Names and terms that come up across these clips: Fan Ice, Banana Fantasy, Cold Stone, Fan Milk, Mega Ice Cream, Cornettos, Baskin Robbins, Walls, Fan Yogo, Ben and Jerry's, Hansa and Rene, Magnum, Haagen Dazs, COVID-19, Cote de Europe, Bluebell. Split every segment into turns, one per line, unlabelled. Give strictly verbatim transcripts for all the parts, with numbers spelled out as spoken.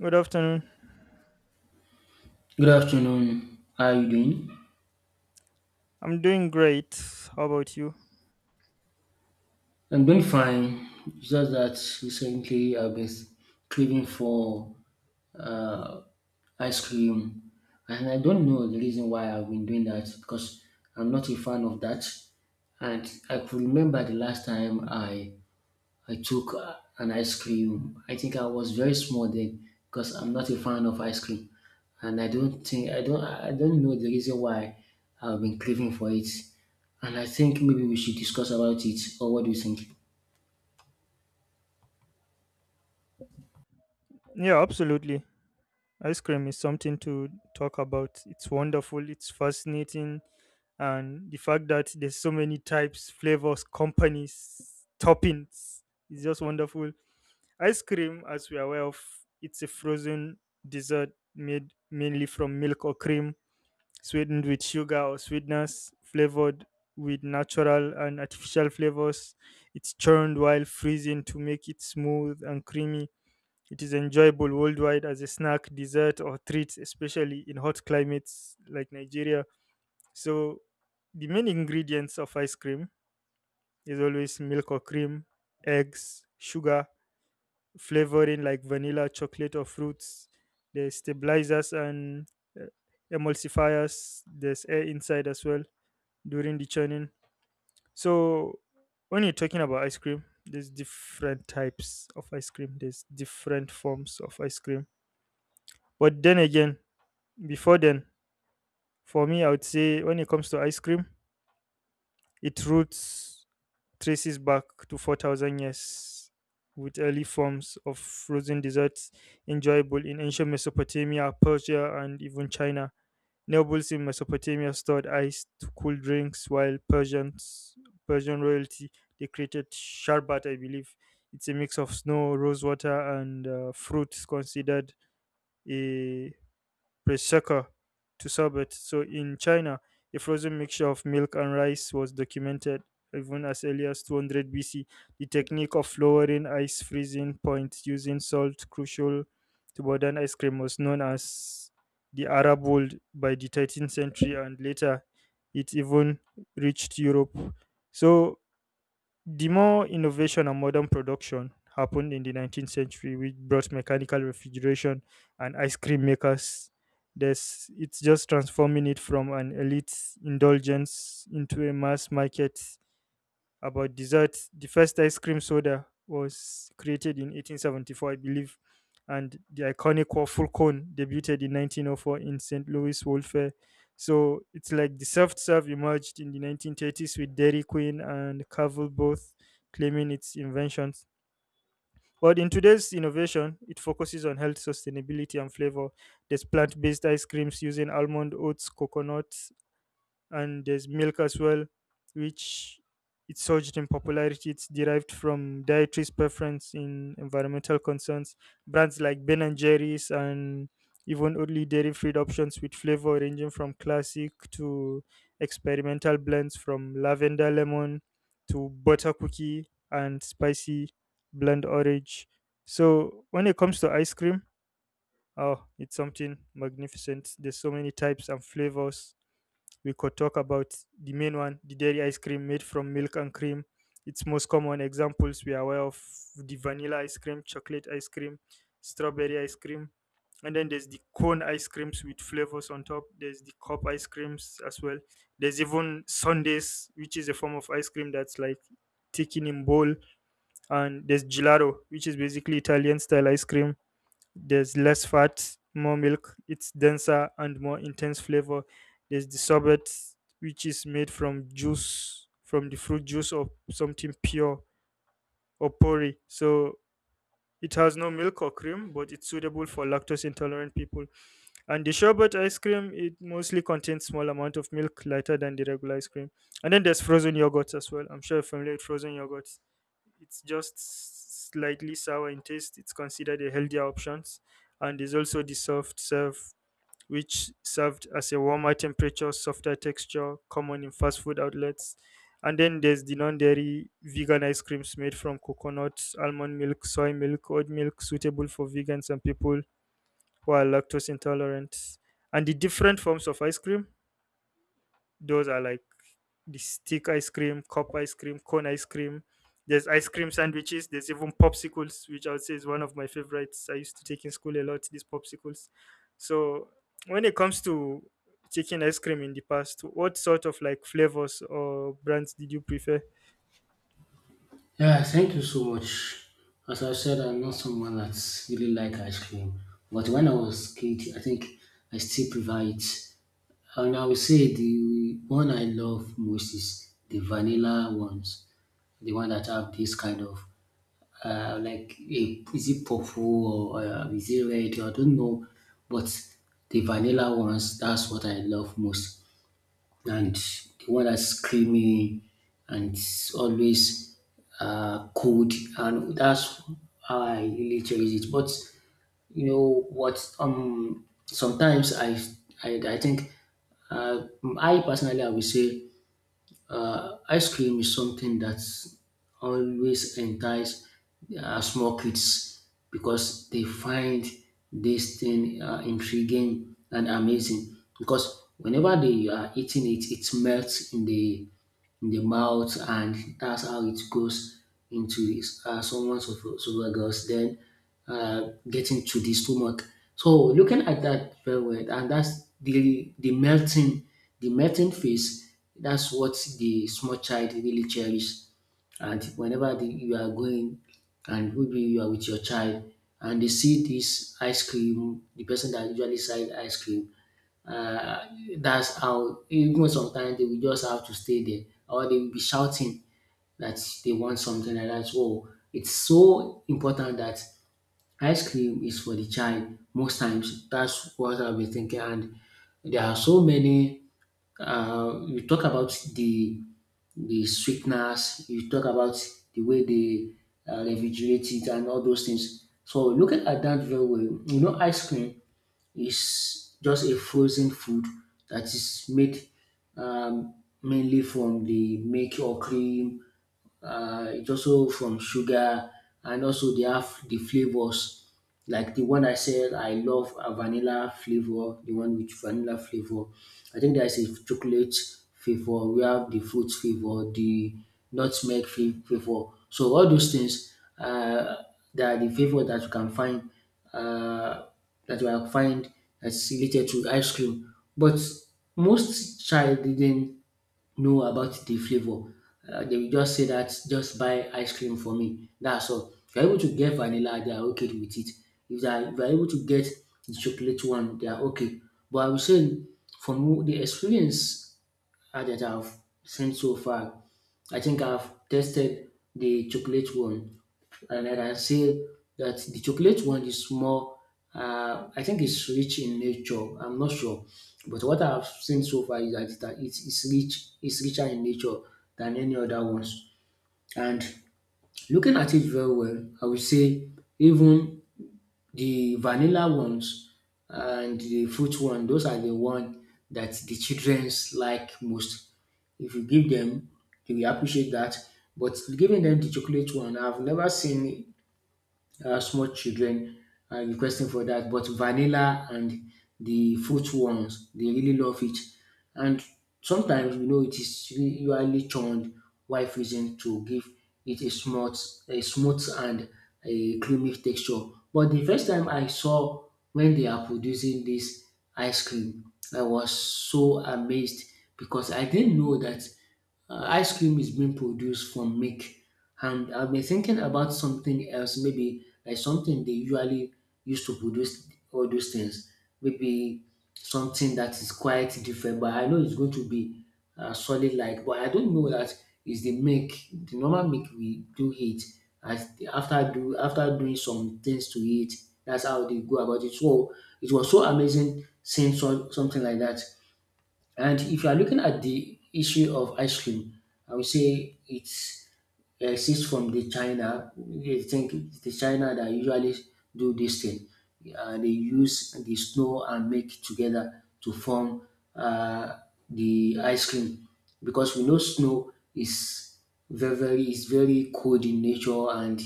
Good afternoon.
Good afternoon. How are you doing?
I'm doing great. How about you?
I'm doing fine. It's Just that recently I've been craving for uh, ice cream, and I don't know the reason why I've been doing that because I'm not a fan of that. And I could remember the last time I I took uh, an ice cream. I think I was very small then because I'm not a fan of ice cream, and I don't think I don't I don't know the reason why I've been craving for it. And I think maybe we should discuss about it. Or what do you think?
Yeah, absolutely. Ice cream is something to talk about. It's wonderful, it's fascinating, and the fact that there's so many types, flavors, companies, toppings is just wonderful. Ice cream, as we are aware of, it's a frozen dessert made mainly from milk or cream sweetened with sugar or sweeteners, flavored with natural and artificial flavors. It's churned while freezing to make it smooth and creamy. It is enjoyable worldwide as a snack, dessert, or treat, especially in hot climates like Nigeria. So, the main ingredients of ice cream is always milk or cream, eggs, sugar, flavoring like vanilla, chocolate, or fruits. There's stabilizers and uh, emulsifiers. There's air inside as well during the churning. So when you're talking about ice cream, there's different types of ice cream. There's different forms of ice cream. But then again, before then, for me, I would say when it comes to ice cream, it roots traces back to four thousand years with early forms of frozen desserts enjoyable in ancient Mesopotamia, Persia, and even China. Nobles in Mesopotamia stored iced cool drinks, while Persians, Persian royalty, they created sharbat, I believe. It's a mix of snow, rose water, and uh, fruits considered a prosecco to sorbet. So in China, a frozen mixture of milk and rice was documented even as early as two hundred B C. The technique of lowering ice freezing point using salt, crucial to modern ice cream, was known as the Arab world by the thirteenth century, and later it even reached Europe. So the more innovation and modern production happened in the nineteenth century, which brought mechanical refrigeration and ice cream makers. There's, it's just transforming it from an elite indulgence into a mass market about desserts. The first ice cream soda was created in eighteen seventy-four, I believe, and the iconic waffle cone debuted in nineteen oh four in Saint Louis World Fair. So it's like the soft serve emerged in the nineteen thirties with Dairy Queen and Cavill both claiming its inventions. But in today's innovation, it focuses on health, sustainability, and flavor. There's plant based ice creams using almond, oats, coconut, and there's milk as well, which it surged in popularity. It's derived from dietary's preference in environmental concerns. Brands like Ben and Jerry's and even only dairy-free options with flavor ranging from classic to experimental blends from lavender lemon to butter cookie and spicy blend orange. So when it comes to ice cream, oh, it's something magnificent. There's so many types and flavors we could talk about the main one, the dairy ice cream made from milk and cream. Its most common examples we are aware of the vanilla ice cream, chocolate ice cream, strawberry ice cream, and then there's the cone ice creams with flavors on top. There's the cup ice creams as well. There's even sundaes, which is a form of ice cream that's like taken in bowl, and there's gelato, which is basically Italian style ice cream there's less fat, more milk, it's denser and more intense flavor. There's the sorbet, which is made from juice, from the fruit juice or something pure or pori. So it has no milk or cream, but it's suitable for lactose intolerant people. And the sherbet ice cream, it mostly contains small amount of milk, lighter than the regular ice cream. And then there's frozen yogurts as well. I'm sure you're familiar with frozen yogurts. It's just slightly sour in taste. It's considered a healthier option, and there's also the soft serve, which served as a warmer temperature, softer texture, common in fast food outlets. And then there's the non-dairy vegan ice creams made from coconut, almond milk, soy milk, oat milk, suitable for vegans and people who are lactose intolerant. And the different forms of ice cream, those are like the stick ice cream, cup ice cream, cone ice cream. There's ice cream sandwiches. There's even popsicles, which I would say is one of my favorites. I used to take in school a lot, these popsicles. So when it comes to taking ice cream in the past, what sort of like flavors or brands did you prefer?
Yeah, thank you so much. As I said, I'm not someone that's really like ice cream, but when I was kid, I think I still prefer it. And I would say the one I love most is the vanilla ones, the one that have this kind of uh, like a, is it purple or uh, is it red? I don't know, but the vanilla ones, that's what I love most, and the one that's screaming and always uh, cold, and that's how I really cherish it. But you know what? Um, sometimes I I, I think uh, I personally I would say uh, ice cream is something that always entice uh, small kids because they find this thing uh, intriguing and amazing because whenever they are eating it, it melts in the in the mouth, and that's how it goes into his, uh, someone's esoph- esophagus, then uh, getting to the stomach. So looking at that very well, and that's the the melting, the melting phase. That's what the small child really cherishes. And whenever the, you are going, and maybe you are with your child, and they see this ice cream, the person that usually sells ice cream, uh, that's how even sometimes they will just have to stay there or they will be shouting that they want something like that. So it's so important that Ice cream is for the child most times. That's what I'll be thinking. And there are so many. Uh, you talk about the the sweetness. You talk about the way they uh, refrigerate it and all those things. So looking at that very well, you know, ice cream is just a frozen food that is made um, mainly from the milk or cream, uh, it's also from sugar, and also they have the flavors like the one I said I love, a vanilla flavor, the one with vanilla flavor. I think there's a chocolate flavor, we have the fruit flavor, the nutmeg fa- flavor. So all those things, uh, they are the flavor that you can find, uh, that you can find that's related to ice cream. But most child didn't know about the flavor. Uh, they will just say that just buy ice cream for me. That's all. If you're able to get vanilla, they are okay with it. If they are, if you are able to get the chocolate one, they are okay. But I will say from the experience uh, that I've seen so far. I think I've tested the chocolate one, and I can say that the chocolate one is more. Uh, I think it's rich in nature. I'm not sure, but what I've seen so far is that that it's, it's rich. It's richer in nature than any other ones. And looking at it very well, I would say even the vanilla ones and the fruit one, those are the one that the childrens like most. If you give them, they will appreciate that. But giving them the chocolate one, I've never seen uh, small children are requesting for that. But vanilla and the fruit ones, they really love it. And sometimes, you know, it is usually churned while freezing to give it a smooth, a smooth and a creamy texture. But the first time I saw when they are producing this ice cream, I was so amazed because I didn't know that uh, ice cream is being produced from milk, and I've been thinking about something else, maybe like something they usually used to produce all those things, maybe something that is quite different. But I know it's going to be uh, solid like, but I don't know that is the milk, the normal milk we do eat. As after do after doing some things to it, that's how they go about it. So it was so amazing seeing so, something like that. And if you are looking at the issue of ice cream, I would say it's exists from the China. I think it's the China that usually do this thing. Uh, they use the snow and milk together to form uh, the ice cream because we know snow is very very is very cold in nature, and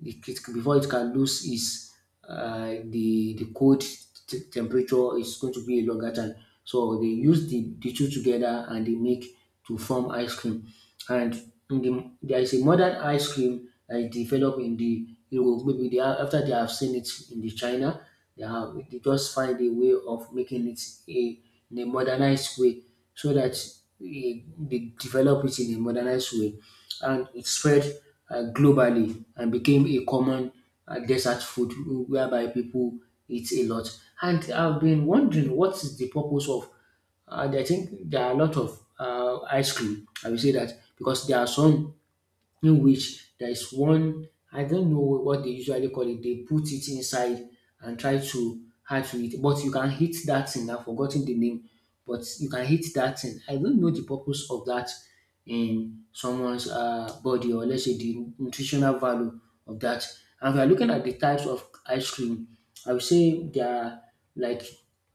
the it, before it can lose its, uh, the the cold t- temperature is going to be a longer time. So they use the, the two together and they make to form ice cream. And in the, there is a modern ice cream that is developed in the Europe. Maybe they are, after they have seen it in the China, they have they just find a way of making it a, in a modernized way so that eh, they develop it in a modernized way, and it spread uh, globally and became a common uh, desert food whereby people eat a lot. And I've been wondering what is the purpose of, and I think there are a lot of uh, ice cream. I will say that because there are some in which there is one I don't know what they usually call it. They put it inside and try to add to it, but you can hit that thing. I've forgotten the name, but you can hit that thing. I don't know the purpose of that in someone's, uh, body or let's say the nutritional value of that. And if you are looking at the types of ice cream, I would say there are like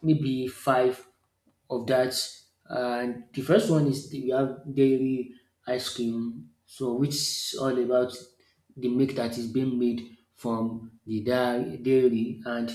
maybe five of that. And the first one is the- we have dairy ice cream, so which is all about the milk that is being made from the dai- dairy and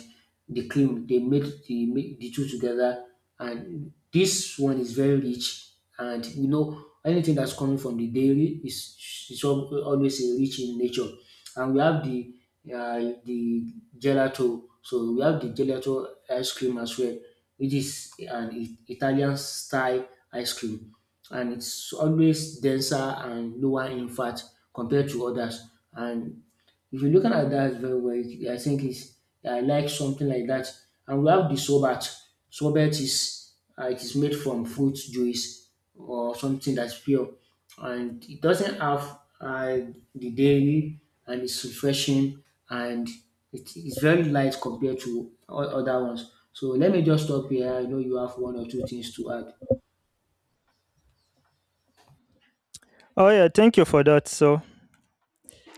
the cream. They make the make the two together, and this one is very rich. And you know anything that's coming from the dairy is is al- always a rich in nature. And we have the, uh, the gelato. So we have the gelato ice cream as well, which is an I- Italian style ice cream, and it's always denser and lower in fat compared to others. And if you looking at that very well, it- I think it's, I like something like that. And we have the sorbet. Sorbet is, uh, it is made from fruit juice or something that's pure, and it doesn't have, uh, the dairy, and it's refreshing, and it is very light compared to o- other ones. So let me just stop here. I know you have one or two things to add.
Oh yeah, thank you for that. So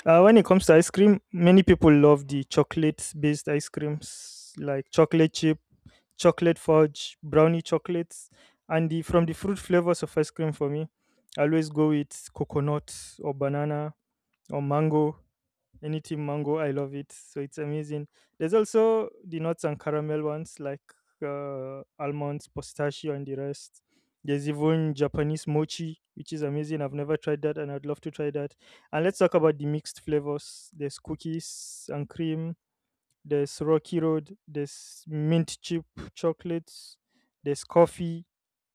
uh, when it comes to ice cream, many people love the chocolate based ice creams like chocolate chip chocolate fudge, brownie chocolates, and the from the fruit flavors of ice cream for me, I always go with coconut or banana or mango. Anything mango, I love it. So it's amazing. There's also the nuts and caramel ones like uh, almonds, pistachio, and the rest. There's even Japanese mochi, which is amazing. I've never tried that, and I'd love to try that. And let's talk about the mixed flavors. There's cookies and cream there's Rocky Road, there's mint chip chocolates, there's coffee,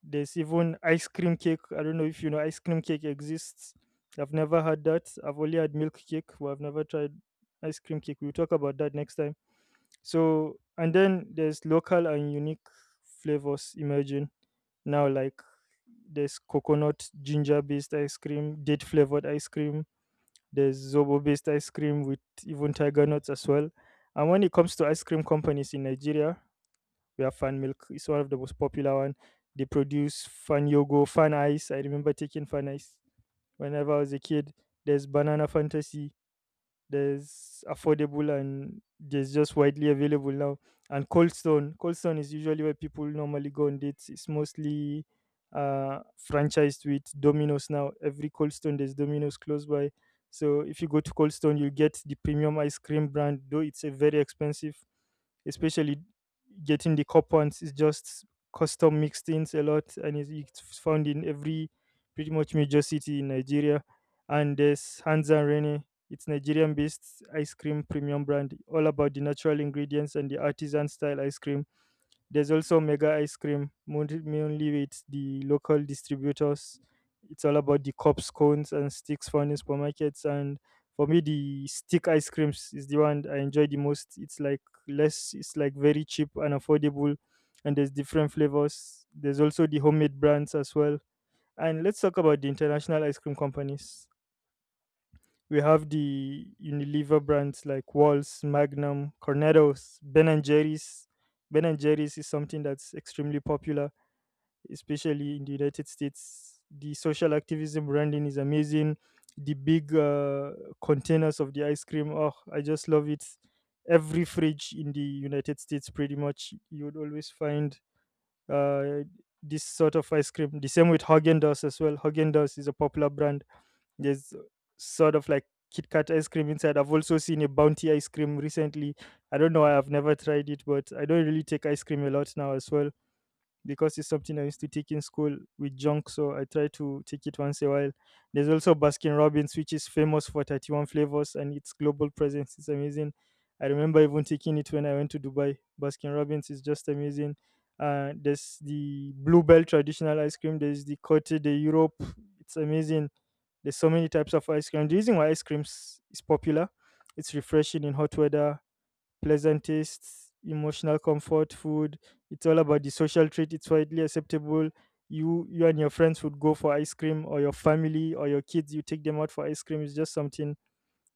there's even ice cream cake. I don't know if you know ice cream cake exists. I've never had that. I've only had milk cake, but I've never tried ice cream cake. We'll talk about that next time. So, and then there's local and unique flavors emerging now, like there's coconut ginger based ice cream, date flavored ice cream, there's Zobo based ice cream with even tiger nuts as well. And when it comes to ice cream companies in Nigeria, we have Fan Milk. It's one of the most popular one. They produce Fan Yogo, Fan Ice. I remember taking Fan Ice whenever I was a kid. There's Banana Fantasy there's affordable and there's just widely available now. And Cold Stone, Cold Stone is usually where people normally go on dates. It's mostly uh, franchised with Domino's now. Every Cold Stone there's Domino's close by. So if you go to Cold Stone, you get the premium ice cream brand, though it's a very expensive, especially getting the cup ones is just custom mixed things a lot, and it's it's found in every pretty much major city in Nigeria. And there's Hansa and Rene it's Nigerian based ice cream premium brand, all about the natural ingredients and the artisan style ice cream. There's also Mega Ice Cream, mon- mainly with the local distributors. It's all about the cups, cones, and sticks found in supermarkets. And for me, the stick ice creams is the one I enjoy the most. It's like less, it's like very cheap and affordable. And there's different flavors. There's also the homemade brands as well. And let's talk about the international ice cream companies we have the Unilever brands like Walls, Magnum, Cornettos, Ben and Jerry's. Ben and Jerry's is something that's extremely popular, especially in the United States. The social activism branding is amazing. The big uh, containers of the ice cream, oh, I just love it. Every fridge in the United States, pretty much, you would always find uh, this sort of ice cream. The same with Haagen Dazs as well. Haagen Dazs is a popular brand there's sort of like Kit Kat ice cream inside. I've also seen a Bounty ice cream recently. I don't know why I've never tried it, but I don't really take ice cream a lot now as well because it's something I used to take in school with junk. So I try to take it once a while. There's also Baskin Robbins, which is famous for thirty-one flavors and its global presence is amazing. I remember even taking it when I went to Dubai. Baskin Robbins is just amazing. Uh, there's the Bluebell traditional ice cream. There's the Cote de Europe. It's amazing. There's so many types of ice cream. The reason why ice cream s- is popular, it's refreshing in hot weather, pleasant tastes, emotional comfort food. It's all about the social treat. It's widely acceptable. You you and your friends would go for ice cream, or your family or your kids. You take them out for ice cream. It's just something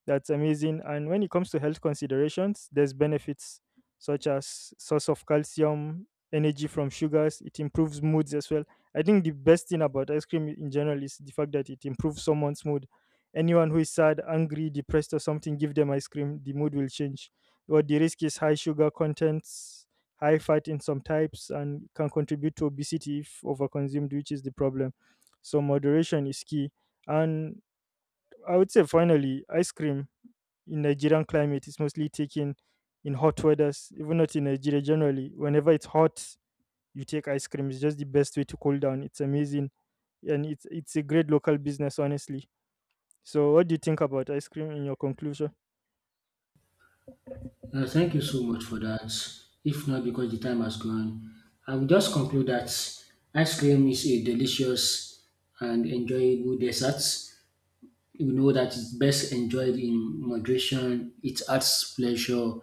that's amazing. And when it comes to health considerations, there's benefits such as source of calcium, energy from sugars. It improves moods as well. I think the best thing about ice cream in general is the fact that it improves someone's mood. Anyone who is sad, angry, depressed, or something, give them ice cream. The mood will change. What the risk is high sugar contents, high fat in some types, and can contribute to obesity if overconsumed, which is the problem. So moderation is key. And I would say finally, ice cream in Nigerian climate it's mostly taken in hot weathers, even not in Nigeria generally. Whenever it's hot, you take ice cream. It's just the best way to cool down. It's amazing. And it's it's a great local business, honestly. So what do you think about ice cream in your conclusion?
Uh, thank you so much for that. If not because the time has gone, I will just conclude that ice cream is a delicious and enjoyable dessert, you know, that it's best enjoyed in moderation. It adds pleasure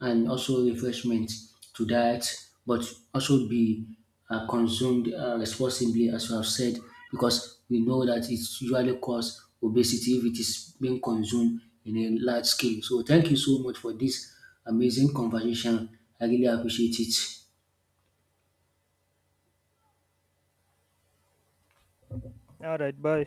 and also refreshment to diet, but also be uh, consumed uh, responsibly, as you have said, because we know that it's usually cause obesity if it is being consumed in a large scale. So, thank you so much for this amazing conversation. I really appreciate it.
All right, bye.